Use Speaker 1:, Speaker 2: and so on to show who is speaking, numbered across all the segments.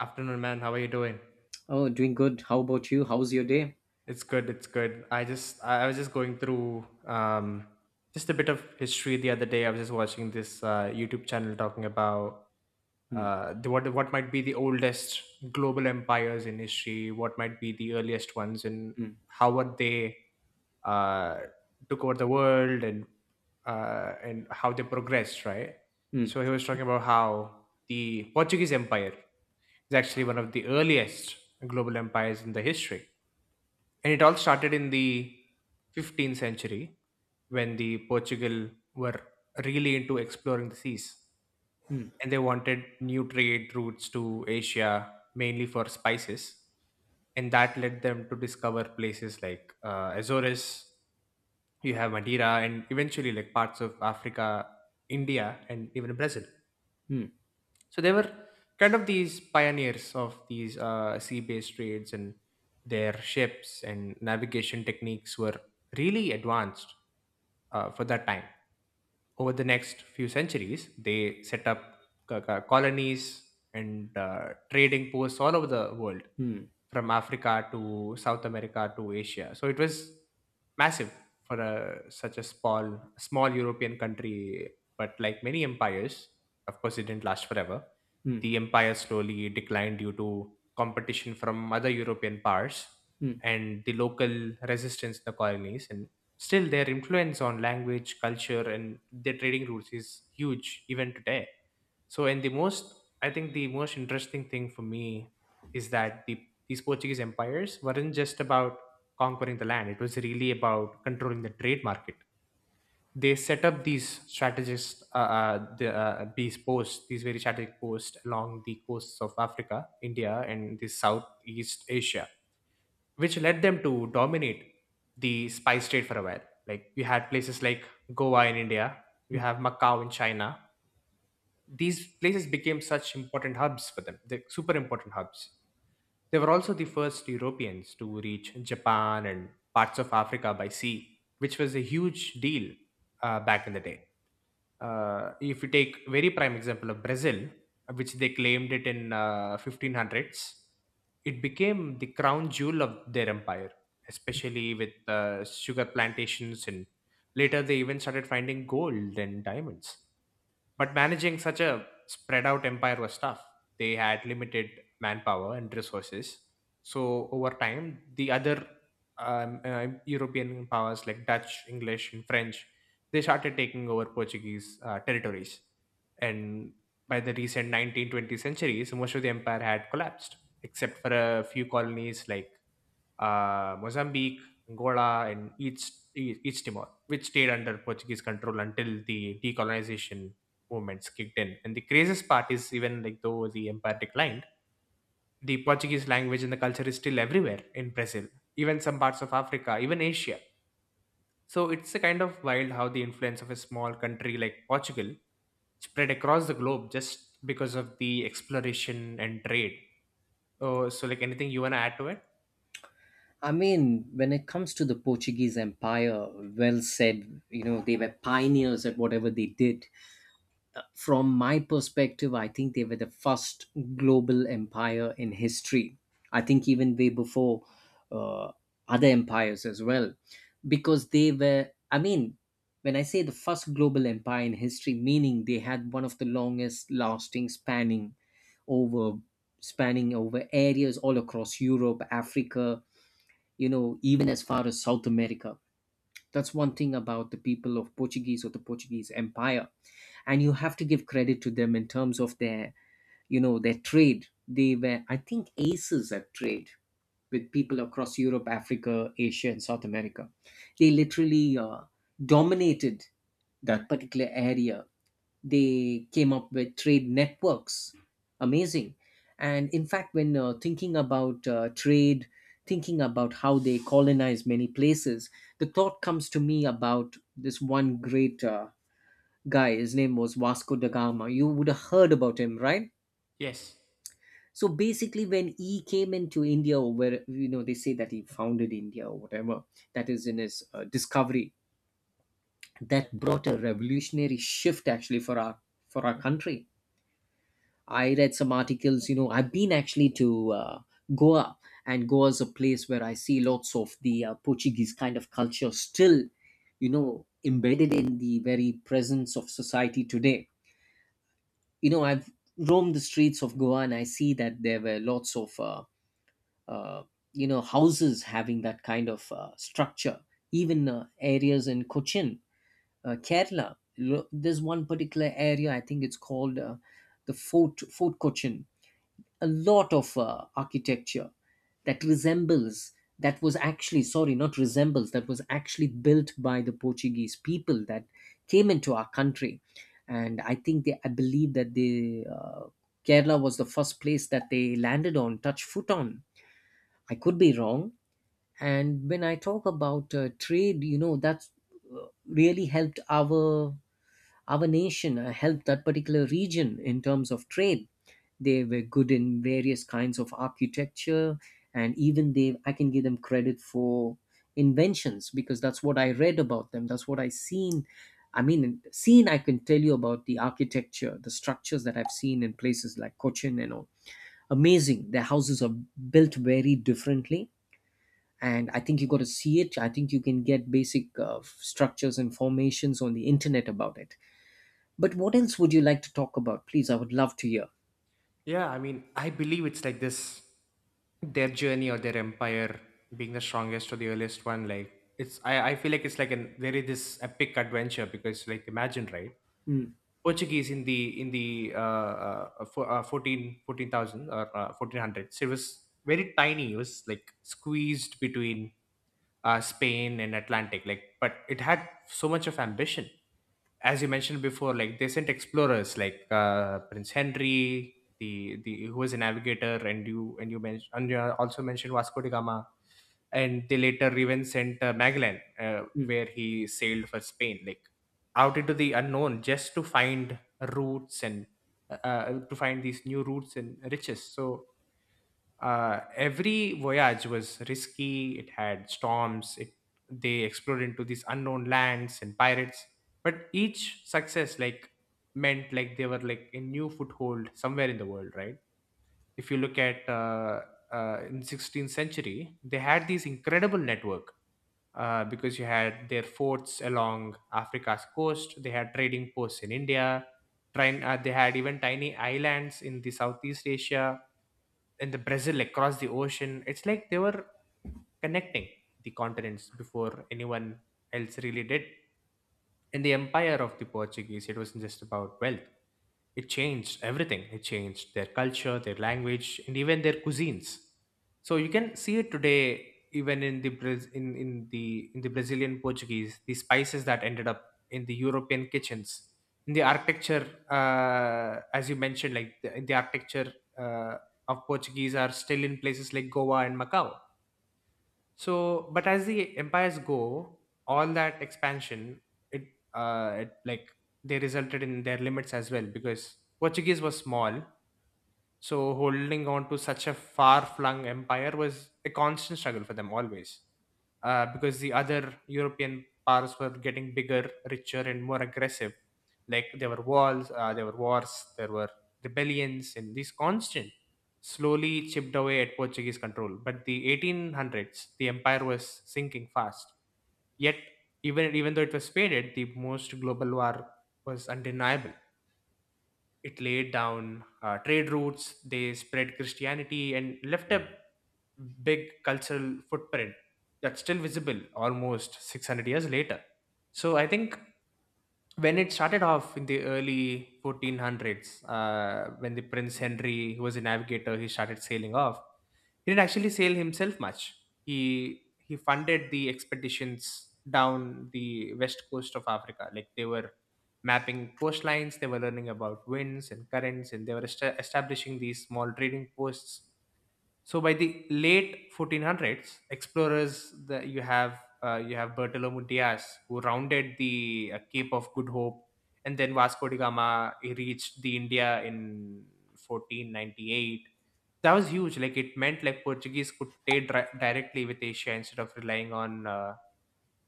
Speaker 1: Afternoon, man. How are you doing?
Speaker 2: Oh, doing good. How about you? How's your day?
Speaker 1: It's good. It's good. I was just going through just a bit of history the other day. I was just watching this YouTube channel talking about
Speaker 2: Hmm,
Speaker 1: the, what might be the oldest global empires in history? What might be the earliest ones, and
Speaker 2: hmm,
Speaker 1: how were they uh, took over the world, and and how they progressed, right?
Speaker 2: hmm,
Speaker 1: So he was talking about how the Portuguese Empire is actually one of the earliest global empires in the history, and it all started in the 15th century when the Portugal were really into exploring the seas
Speaker 2: hmm,
Speaker 1: and they wanted new trade routes to Asia, mainly for spices. And that led them to discover places like Azores, you have Madeira, and eventually like parts of Africa, India, and even Brazil.
Speaker 2: hmm,
Speaker 1: So they were kind of these pioneers of these sea-based trades, and their ships and navigation techniques were really advanced for that time. Over the next few centuries, they set up colonies and trading posts all over the world,
Speaker 2: hmm,
Speaker 1: from Africa to South America to Asia. So it was massive for such a small European country. But like many empires, of course, it didn't last forever.
Speaker 2: hmm,
Speaker 1: The empire slowly declined due to competition from other European powers
Speaker 2: hmm.
Speaker 1: and the local resistance in the colonies. And still, their influence on language, culture, and their trading routes is huge even today. So, and I think the most interesting thing for me is that these Portuguese empires weren't just about conquering the land, it was really about controlling the trade market. They set up these strategist, the, these posts, these very strategic posts along the coasts of Africa, India, and the Southeast Asia, which led them to dominate the spice trade for a while. Like we had places like Goa in India, we have Macau in China. These places became such important hubs for them, they're super important hubs. They were also the first Europeans to reach Japan and parts of Africa by sea, which was a huge deal back in the day. If you take very prime example of Brazil, which they claimed it in 1500s, it became the crown jewel of their empire, especially with sugar plantations, and later they even started finding gold and diamonds. But managing such a spread out empire was tough. They had limited manpower and resources. So over time, the other European powers like Dutch, English, and French, they started taking over Portuguese territories. And by the recent 19th, 20th centuries, most of the empire had collapsed, except for a few colonies like Mozambique, Angola, and East Timor, which stayed under Portuguese control until the decolonization movements kicked in. And the craziest part is, even like though the empire declined, the Portuguese language and the culture is still everywhere in Brazil, even some parts of Africa, even Asia. So it's a kind of wild how the influence of a small country like Portugal spread across the globe just because of the exploration and trade. Oh, so like anything you wanna add to it?
Speaker 2: I mean, when it comes to the Portuguese Empire, well said, you know, they were pioneers at whatever they did. From my perspective, I think they were the first global empire in history. I think even way before uh, other empires as well, because they were, I mean, when I say the first global empire in history, meaning they had one of the longest lasting, spanning over areas all across Europe, Africa, you know, even as far as South America. That's one thing about the people of Portuguese or the Portuguese Empire. And you have to give credit to them in terms of their, you know, their trade. They were, I think, aces at trade with people across Europe, Africa, Asia, and South America. They literally dominated that particular area. They came up with trade networks. Amazing. And in fact, when thinking about trade, thinking about how they colonize many places, the thought comes to me about this one great guy. His name was Vasco da Gama. You would have heard about him, right?
Speaker 1: Yes.
Speaker 2: So basically, when he came into India, or, where, you know, they say that he founded India or whatever, that is in his discovery, that brought a revolutionary shift actually for our country. I read some articles, you know, I've been actually to Goa, and Goa is a place where I see lots of the Portuguese kind of culture still, you know, embedded in the very presence of society today. You know, I've roamed the streets of Goa and I see that there were lots of, uh, you know, houses having that kind of structure, even areas in Cochin, Kerala. There's one particular area, I think it's called the Fort Cochin. A lot of architecture that resembles, that was actually, sorry, not resembles, that was actually built by the Portuguese people that came into our country. And I think they, I believe that the Kerala was the first place that they landed on, touched foot on. I could be wrong. And when I talk about trade, you know, that's really helped our nation, helped that particular region in terms of trade. They were good in various kinds of architecture, and even they, I can give them credit for inventions, because that's what I read about them, that's what I seen. I mean, seen, I can tell you about the architecture, the structures that I've seen in places like Cochin and all. Amazing, their houses are built very differently. And I think you got to see it. I think you can get basic structures and formations on the internet about it. But what else would you like to talk about? Please, I would love to hear.
Speaker 1: Yeah, I mean, I believe it's like this, their journey or their empire being the strongest or the earliest one. Like I feel like it's like an there is this epic adventure because like imagine, right,
Speaker 2: Mm,
Speaker 1: Portuguese in the 14 fourteen thousand or 1400. So it was very tiny. It was like squeezed between Spain and Atlantic. Like, but it had so much of ambition as you mentioned before, like they sent explorers like Prince Henry, the who was a navigator, and you also mentioned Vasco da Gama, and they later even sent Magellan,
Speaker 2: mm.
Speaker 1: where he sailed for Spain, like out into the unknown, just to find routes and to find these new routes and riches. So every voyage was risky, it had storms, they explored into these unknown lands and pirates, but each success like meant like they were like a new foothold somewhere in the world, right? If you look at in 16th century, they had this incredible network, because you had their forts along Africa's coast, they had trading posts in India. They had even tiny islands in the Southeast Asia, in the Brazil across the ocean. It's like they were connecting the continents before anyone else really did. In the empire of the Portuguese, it wasn't just about wealth, it changed everything. It changed their culture, their language, and even their cuisines. So you can see it today, even in the in the Brazilian Portuguese, the spices that ended up in the European kitchens, in the architecture, as you mentioned, like in the architecture uh, of Portuguese are still in places like Goa and Macau. So, but as the empires go, all that expansion, it, it like they resulted in their limits as well because Portuguese was small, so holding on to such a far-flung empire was a constant struggle for them always, because the other European powers were getting bigger, richer, and more aggressive. Like there were wars, there were rebellions, and these constant, slowly chipped away at Portuguese control. But the 1800s, the empire was sinking fast. Yet, even though it was faded, the most global war was undeniable. It laid down trade routes, they spread Christianity, and left a big cultural footprint that's still visible almost 600 years later. So I think when it started off in the early 1400s when the Prince Henry who was a navigator, he started sailing off. He didn't actually sail himself much, he funded the expeditions down the west coast of Africa. Like they were mapping coastlines, they were learning about winds and currents, and they were establishing these small trading posts. So by the late 1400s, you have Bartolomé Diaz who rounded the Cape of Good Hope, and then Vasco da Gama, he reached the India in 1498. That was huge. Like it meant like Portuguese could directly with Asia instead of relying on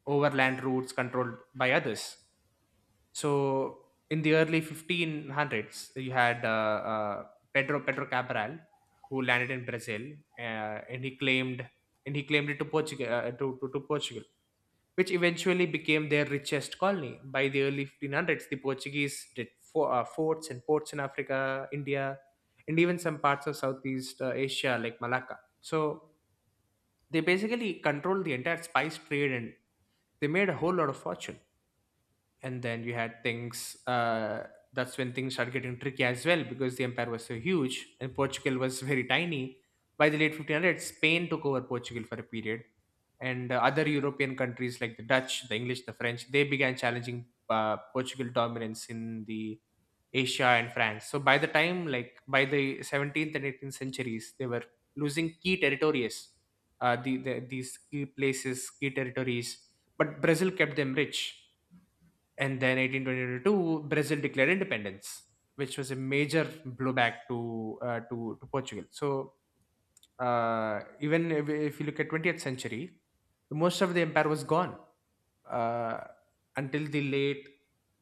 Speaker 1: overland routes controlled by others. So in the early 1500s, you had Pedro Cabral, who landed in Brazil, uh, and he claimed and he claimed it to Portugal, which eventually became their richest colony. By the early 1500s, the Portuguese did forts and ports in Africa, India, and even some parts of Southeast Asia like Malacca. So they basically controlled the entire spice trade and they made a whole lot of fortune. And then you had things, that's when things started getting tricky as well because the empire was so huge and Portugal was very tiny. By the late 1500s, Spain took over Portugal for a period, and other European countries like the Dutch, the English, the French, they began challenging Portugal dominance in the Asia and France. So by the time, like by the 17th and 18th centuries, they were losing key territories, these key places, key territories, but Brazil kept them rich. And then 1822, Brazil declared independence, which was a major blowback to to Portugal. So even if you look at 20th century, most of the empire was gone, uh, until the late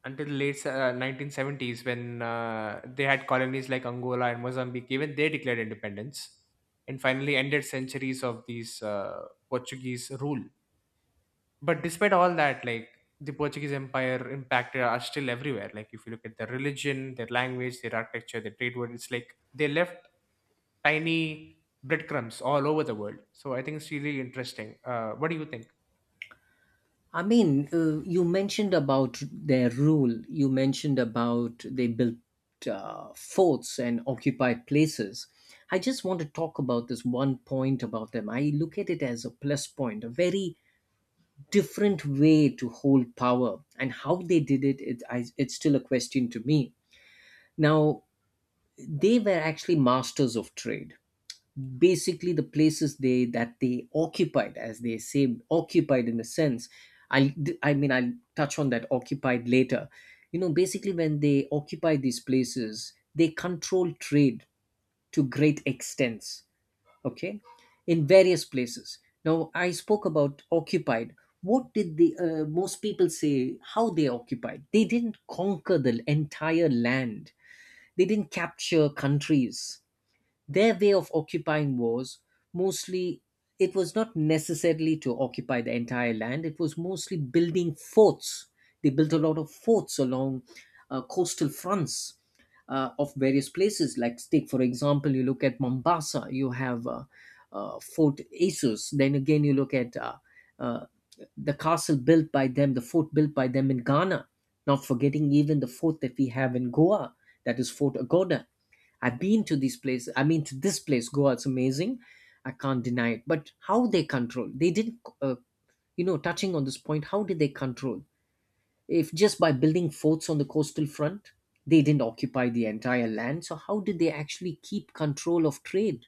Speaker 1: until the late 1970s when they had colonies like Angola and Mozambique, even they declared independence, and finally ended centuries of these Portuguese rule. But despite all that, like the Portuguese empire impacted are still everywhere. Like if you look at their religion, their language, their architecture, their trade world, it's like they left tiny breadcrumbs all over the world. So I think it's really interesting. What do you think?
Speaker 2: I mean, you mentioned about their rule. You mentioned about they built forts and occupied places. I just want to talk about this one point about them. I look at it as a plus point, a very different way to hold power. And how they did it, it's still a question to me. Now, they were actually masters of trade. Basically, the places they that they occupied, as they say, occupied in a sense, i I mean, I'll touch on that occupied later. You know, basically when they occupy these places, they control trade to great extents. Okay, in various places. Now, I spoke about occupied. What did the most people say how they occupied? They didn't conquer the entire land. They didn't capture countries. Their way of occupying was mostly it was not necessarily to occupy the entire land. It was mostly building forts. They built a lot of forts along coastal fronts of various places. Like, take for example, you look at Mombasa, you have Fort Asus. Then again, you look at uh, the castle built by them, the fort built by them in Ghana, not forgetting even the fort that we have in Goa, that is Fort Agoda. I've been to these places. I mean, to this place, Goa, it's amazing. I can't deny it. But how they control? They didn't, you know, touching on this point, how did they control? If just by building forts on the coastal front, they didn't occupy the entire land. So how did they actually keep control of trade?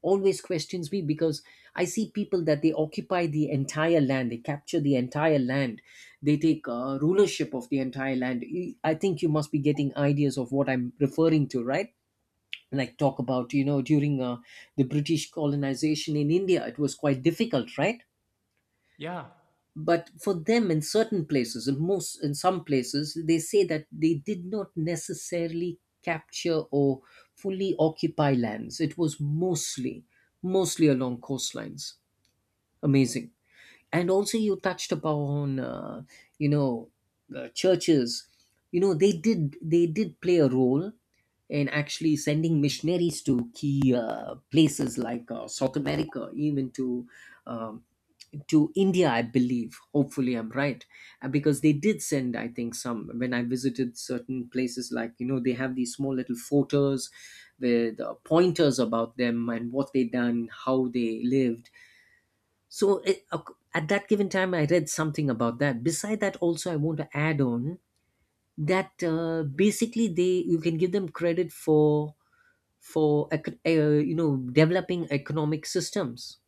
Speaker 2: Always questions me, because I see people that they occupy the entire land, they capture the entire land, they take rulership of the entire land. I think you must be getting ideas of what I'm referring to, right? Like, talk about, you know, during the British colonization in India, it was quite difficult, right?
Speaker 1: Yeah.
Speaker 2: But for them, in certain places, in some places, they say that they did not necessarily capture or fully occupy lands. It was mostly along coastlines. Amazing. And also, you touched upon you know, churches. You know, they did play a role in actually sending missionaries to key places like South America, even to um, India, I believe, hopefully I'm right. Because they did send, I think, some. When I visited certain places, like, you know, they have these small little photos with pointers about them and what they done, how they lived. So it, at that given time, I read something about that. Beside that, also I want to add on that basically they, you can give them credit for you know, developing economic systems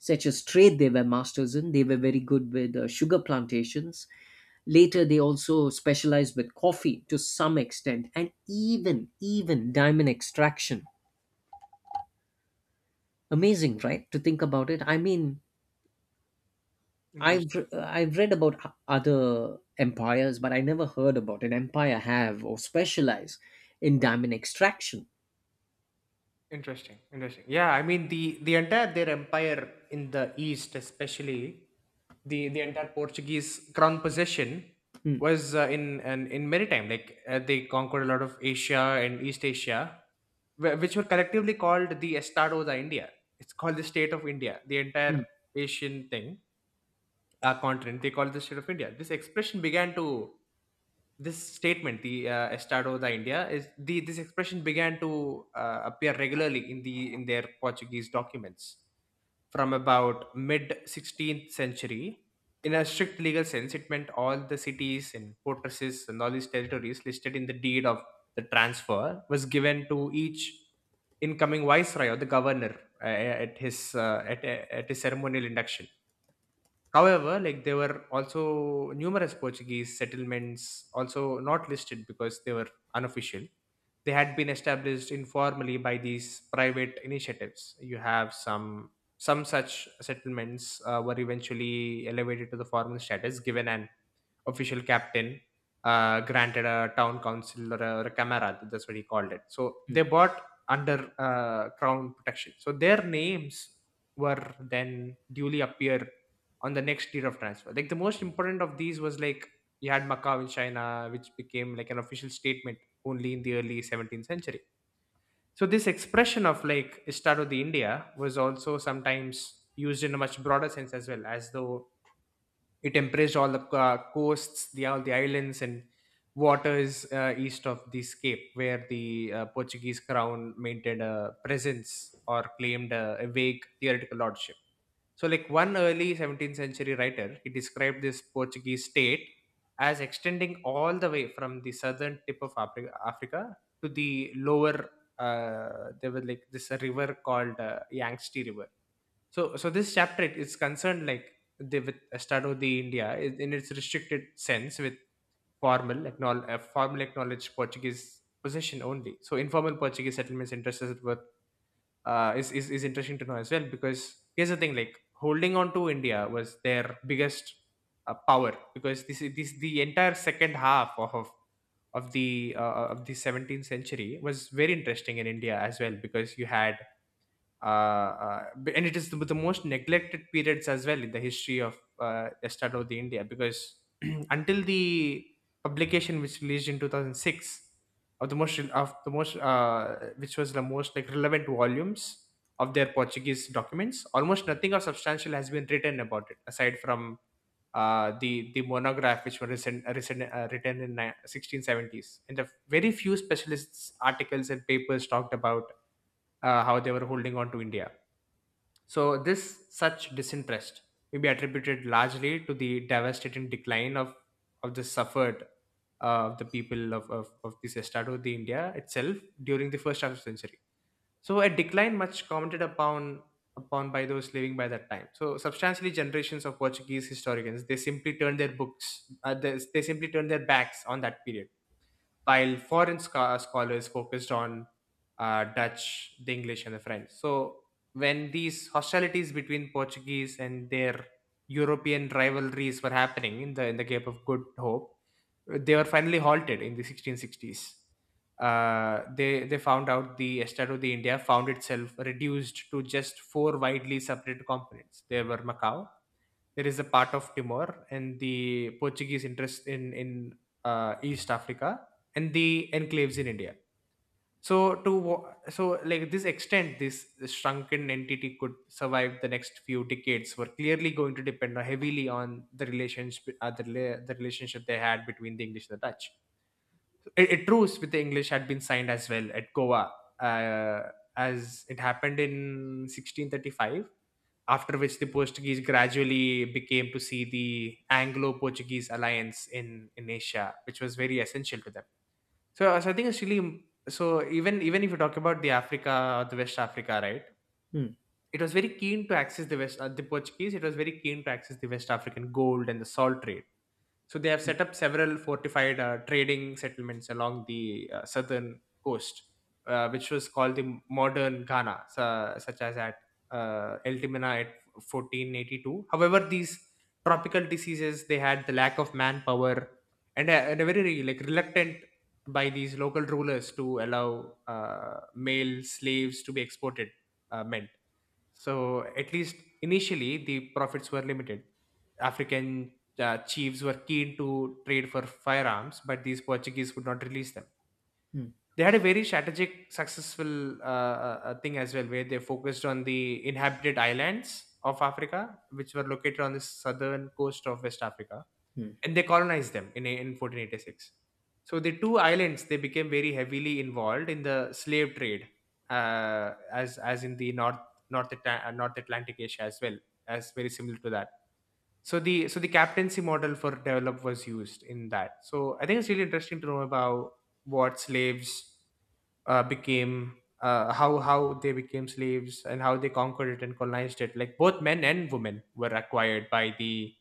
Speaker 2: such as trade. They were masters in. They were very good with sugar plantations. Later, they also specialized with coffee to some extent, and even diamond extraction. Amazing,
Speaker 1: interesting
Speaker 2: right? To think about it, I mean,
Speaker 1: interesting
Speaker 2: I've read about other empires, but I never heard about an empire have or specialize in diamond extraction.
Speaker 1: interesting yeah, I mean, the entire their empire in the east, especially the entire Portuguese crown possession,
Speaker 2: Hmm,
Speaker 1: was in maritime. Like they conquered a lot of Asia and East Asia, which were collectively called the Estado da India. It's called the state of India. The
Speaker 2: hmm,
Speaker 1: entire Asian thing, continent, they call the state of India. This expression began to this statement, the Estado da India, is the this expression began to appear regularly in the in their Portuguese documents from about mid 16th century. In a strict legal sense, it meant all the cities and fortresses and all these territories listed in the deed of the transfer, was given to each incoming viceroy or the governor uh, at his uh, at, at his ceremonial induction. However, there were also numerous Portuguese settlements also not listed because they were unofficial. They had been established informally by these private initiatives. You have some such settlements were eventually elevated to the formal status, given an official captain, granted a town council or a camarad, that's what he called it, so
Speaker 2: hmm,
Speaker 1: they bought under crown protection, so their names were then duly appear on the next tier of transfer. Like the most important of these was, like you had Macau in China, which became like an official statement only in the early 17th century. So this expression of like Estado de India was also sometimes used in a much broader sense as well, as though it embraced all the coasts, the all the islands and waters east of the Cape, where the Portuguese crown maintained a presence or claimed a vague theoretical lordship. So, like one early 17th century writer, he described this Portuguese state as extending all the way from the southern tip of Africa to the lower. There was like this river called Yangtze River. So, so this chapter is concerned, like with Estado de India in its restricted sense, with formal acknowledged Portuguese possession only. So, informal Portuguese settlements interests us with, is interesting to know as well, because here's the thing: like holding on to India was their biggest power, because this is this the entire second half of the 17th century was very interesting in India as well, because you had uh, and it is the most neglected periods as well in the history of Estado of the India, because until the publication which released in 2006 of the most which was the most like relevant volumes of their Portuguese documents, almost nothing of substantial has been written about it aside from the monograph which were recent, written in 1670s, and the very few specialists articles and papers talked about how they were holding on to India. So this such disinterest may be attributed largely to the devastating decline of the suffered of the people of this estrado de India itself during the first half of the century. So a decline much commented upon by those living by that time. So substantially, generations of Portuguese historians, they simply turned their books they simply turned their backs on that period, while scholars focused on Dutch, the English, and the French. So when these hostilities between Portuguese and their European rivalries were happening in the Cape of Good Hope, they were finally halted in the 1660s. They found out the Estado de India found itself reduced to just four widely separate components. There were Macau, there is a part of Timor, and the Portuguese interest in East Africa, and the enclaves in India. So like this extent, this shrunken entity could survive the next few decades. Were clearly going to depend heavily on the relations, the relationship they had between the English and the Dutch. A truce with the English had been signed as well at Goa, uh, as it happened in 1635, after which the Portuguese gradually became to see the Anglo-Portuguese alliance in Asia, which was very essential to them. So, so I think it's really, so even if you talk about the Africa, the West Africa, right?
Speaker 2: hmm,
Speaker 1: It was very keen to access the West, the Portuguese. It was very keen to access the West African gold and the salt trade. So they have set up several fortified trading settlements along the southern coast, which was called the modern Ghana, such as at El Timina at 1482. However, these tropical diseases, they had the lack of manpower, and a very like reluctant by these local rulers to allow male slaves to be exported meant, so, at least initially, the profits were limited. African chiefs were keen to trade for firearms, but these Portuguese would not release them.
Speaker 2: hmm,
Speaker 1: They had a very strategic, successful thing as well, where they focused on the inhabited islands of Africa, which were located on the southern coast of West Africa,
Speaker 2: hmm.
Speaker 1: and they colonized them in 1486. So the two islands they became very heavily involved in the slave trade, as in the north atlantic asia as well, as very similar to that. So the, so the captaincy model for develop was used in that. So I think it's really interesting to know about what slaves became, how they became slaves and how they conquered it and colonized it. Like both men and women were acquired by the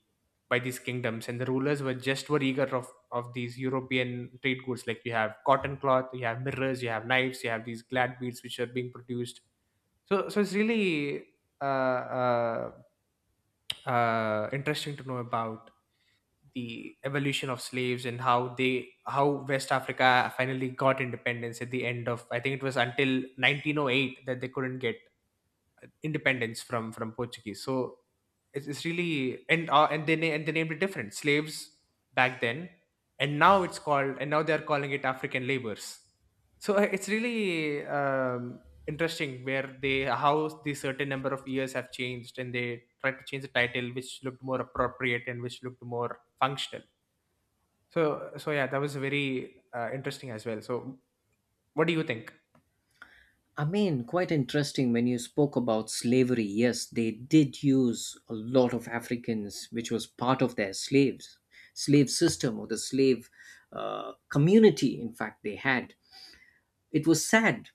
Speaker 1: by these kingdoms, and the rulers were just were eager of these european trade goods. Like you have cotton cloth, you have mirrors, you have knives, you have these glad beads which are being produced. So, so it's really uh, uh, interesting to know about the evolution of slaves and how they how west africa finally got independence at the end of, I think it was until 1908 that they couldn't get independence from Portuguese. So it's really, and they named it different slaves back then, and now it's called, and now they're calling it African labors. So it's really interesting where they how the certain number of years have changed, and they tried to change the title, which looked more appropriate and which looked more functional. So so yeah, that was very interesting as well. So what do you think?
Speaker 2: I mean, quite interesting when you spoke about slavery. Yes, they did use a lot of Africans, which was part of their slave system or the slave community. In fact, they had. It was sad.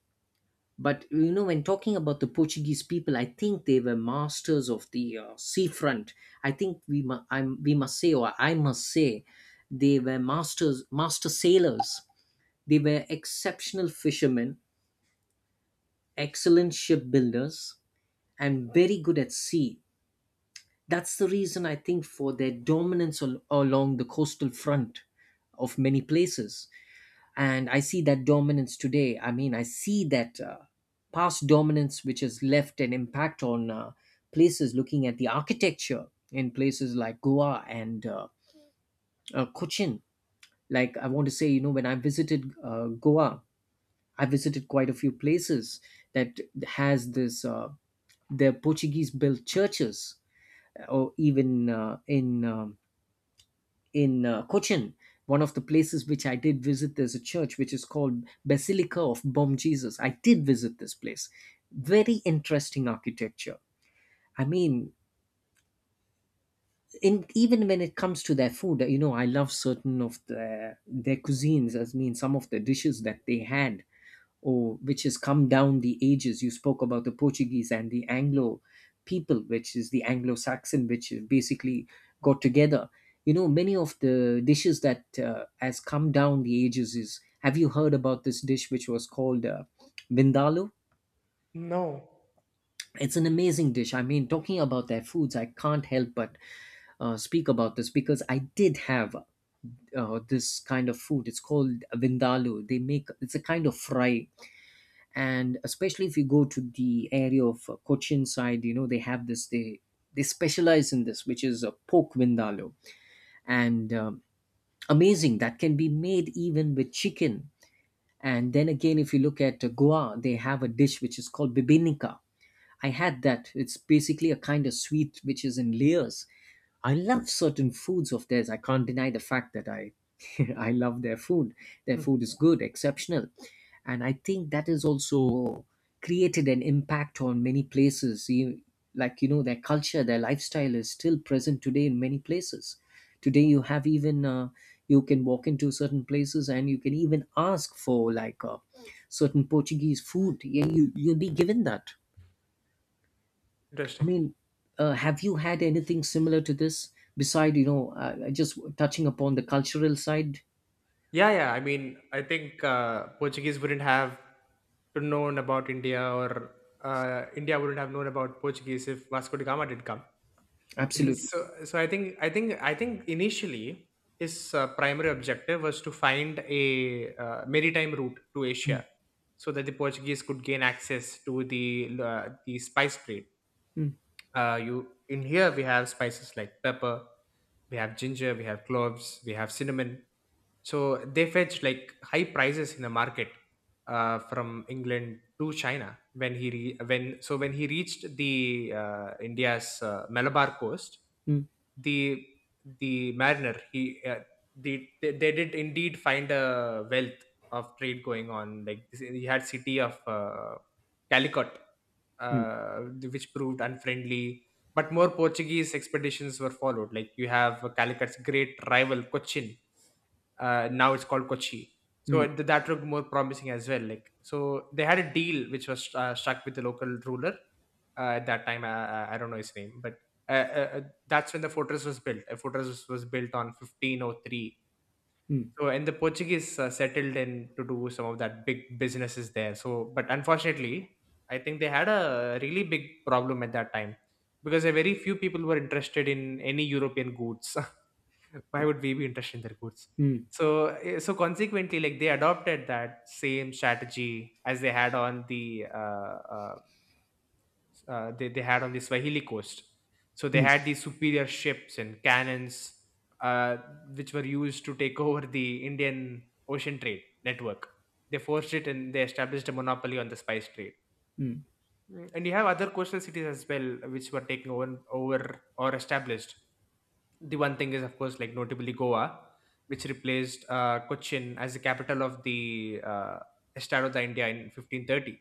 Speaker 2: But you know, when talking about the Portuguese people, I think they were masters of the seafront. I think we must say, or I must say, they were masters, master sailors. They were exceptional fishermen, excellent shipbuilders, and very good at sea. That's the reason, I think, for their dominance along the coastal front of many places. And I see that dominance today. I mean, I see that past dominance which has left an impact on places, looking at the architecture in places like Goa and Cochin. Like, I want to say, you know, when I visited Goa, I visited quite a few places that has this the Portuguese built churches, or even in Cochin. One of the places which I did visit, there's a church which is called Basilica of Bom Jesus. I did visit this place. Very interesting architecture. I mean, even when it comes to their food, you know, I love certain of their cuisines. I mean, some of the dishes that they had or which has come down the ages. You spoke about the Portuguese and the Anglo people, which is the Anglo Saxon, which have basically got together. You know, many of the dishes that has come down the ages is. Have you heard about this dish which was called vindaloo?
Speaker 1: No.
Speaker 2: It's an amazing dish. I mean, talking about their foods, I can't help but speak about this because I did have this kind of food. It's called vindaloo. They make, it's a kind of fry, and especially if you go to the area of Cochin side, you know they have this, they specialize in this, which is a pork vindaloo, and amazing, that can be made even with chicken. And then again, if you look at Goa, they have a dish which is called bibinica. I had that. It's basically a kind of sweet which is in layers. I love certain foods of theirs. I can't deny the fact that I I love their food. Their
Speaker 1: Hmm.
Speaker 2: food is good, exceptional. And I think that has also created an impact on many places. Like, you know, their culture, their lifestyle is still present today in many places. Today, you have even, you can walk into certain places and you can even ask for, like, certain Portuguese food. Yeah, you'll be given that. I
Speaker 1: Interesting.
Speaker 2: mean, have you had anything similar to this? Beside, you know, just touching upon the cultural side.
Speaker 1: Yeah, yeah. I mean, I think Portuguese wouldn't have to known about India, or India wouldn't have known about Portuguese if Vasco da Gama did come.
Speaker 2: Absolutely.
Speaker 1: So, so I I think initially his primary objective was to find a maritime route to
Speaker 2: Mm,
Speaker 1: Asia, so that the Portuguese could gain access to the spice trade.
Speaker 2: mm,
Speaker 1: You in here we have spices like pepper, we have ginger, we have cloves, we have cinnamon, so they fetched like high prices in the market from England to China. When he re- when so when he reached the India's Malabar coast,
Speaker 2: mm,
Speaker 1: the mariner, they did indeed find a wealth of trade going on. Like he had city of Calicut,
Speaker 2: mm,
Speaker 1: uh, which proved unfriendly. But more Portuguese expeditions were followed. Like you have Calicut's great rival Cochin, now it's called Kochi.
Speaker 2: mm,
Speaker 1: So that looked more promising as well. Like so, they had a deal which was struck with the local ruler at that time. I don't know his name, but uh, uh, uh, that's when the fortress was built. A fortress was built on 1503.
Speaker 2: mm,
Speaker 1: So, and the Portuguese settled in to do some of that big businesses there. So, but unfortunately, I think they had a really big problem at that time because a very few people were interested in any European goods. Why would we be interested in their goods?
Speaker 2: mm,
Speaker 1: So, so consequently, like they adopted that same strategy as they had on the uh, they had on the Swahili coast. So they
Speaker 2: mm,
Speaker 1: had these superior ships and cannons, uh, which were used to take over the Indian ocean trade network. They forced it and they established a monopoly on the spice trade.
Speaker 2: mm,
Speaker 1: Mm, and you have other coastal cities as well which were taken over or established. The one thing is, of course, like notably Goa, which replaced Cochin as the capital of the Estado de India in 1530.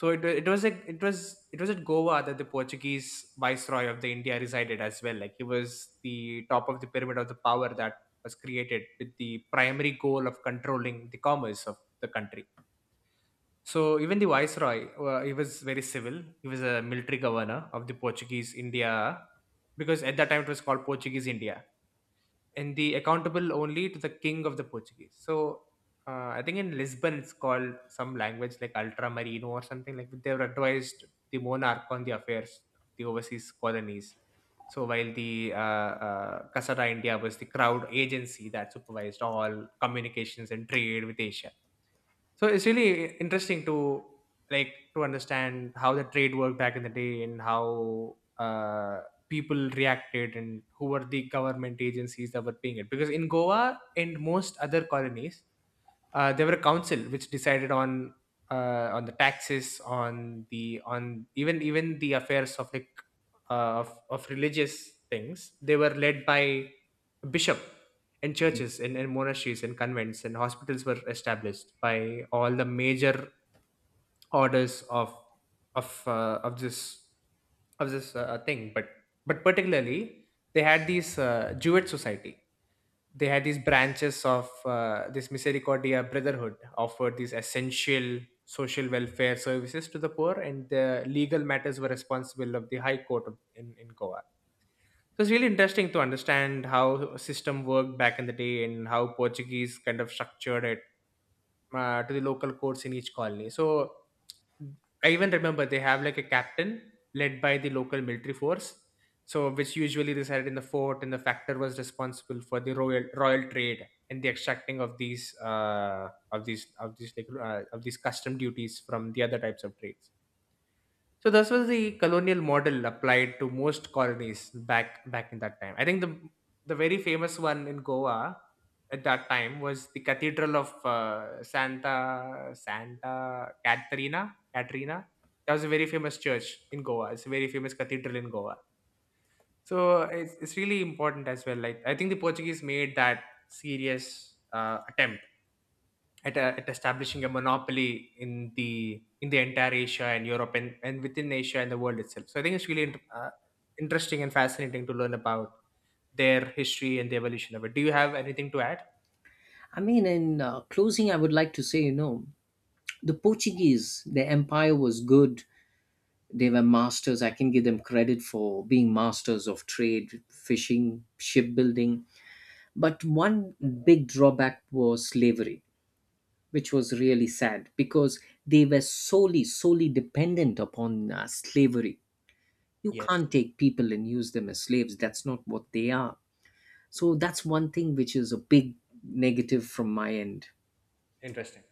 Speaker 1: So it was like it was at Goa that the Portuguese viceroy of the India resided as well. Like he was the top of the pyramid of the power that was created with the primary goal of controlling the commerce of the country. So even the viceroy, he was very civil. He was a military governor of the Portuguese India, because at that time it was called Portuguese India, and the accountable only to the king of the Portuguese. So I think in Lisbon it's called some language like ultramarino or something, like they were advised the monarch on the affairs of the overseas colonies. So while the Casada India was the crowd agency that supervised all communications and trade with Asia. So it's really interesting to like to understand how the trade worked back in the day and how people reacted and who were the government agencies that were paying it. Because in Goa and most other colonies, there were a council which decided on the taxes on the on even the affairs of like of religious things, they were led by bishop and
Speaker 2: mm.
Speaker 1: churches and monasteries and convents and hospitals were established by all the major orders of uh, of this of this thing, but particularly they had these Jewish society. They had these branches of this misericordia brotherhood offered these essential social welfare services to the poor, and the legal matters were responsible of the high court in goa. So it's really interesting to understand how system worked back in the day and how portuguese kind of structured it to the local courts in each colony. So I even remember they have like a captain led by the local military force. So which usually resided in the fort, and the factor was responsible for the royal trade and the extracting of these of these custom duties from the other types of trades. So this was the colonial model applied to most colonies back in that time. I think the very famous one in Goa at that time was the Cathedral of Santa Caterina Caterina. That was a very famous church in Goa. It's a very famous cathedral in Goa. So it's really important as well. Like I think the Portuguese made that serious attempt at establishing a monopoly in the entire Asia and Europe, and within Asia and the world itself. So I think it's really interesting and fascinating to learn about their history and the evolution of it. Do you have anything to add?
Speaker 2: I mean, in closing, I would like to say, you know, the Portuguese, their empire was good. They were masters. I can give them credit for being masters of trade, fishing, shipbuilding. But one big drawback was slavery, which was really sad, because they were solely dependent upon slavery. You
Speaker 1: Yes,
Speaker 2: can't take people and use them as slaves. That's not what they are. So that's one thing which is a big negative from my end.
Speaker 1: interesting.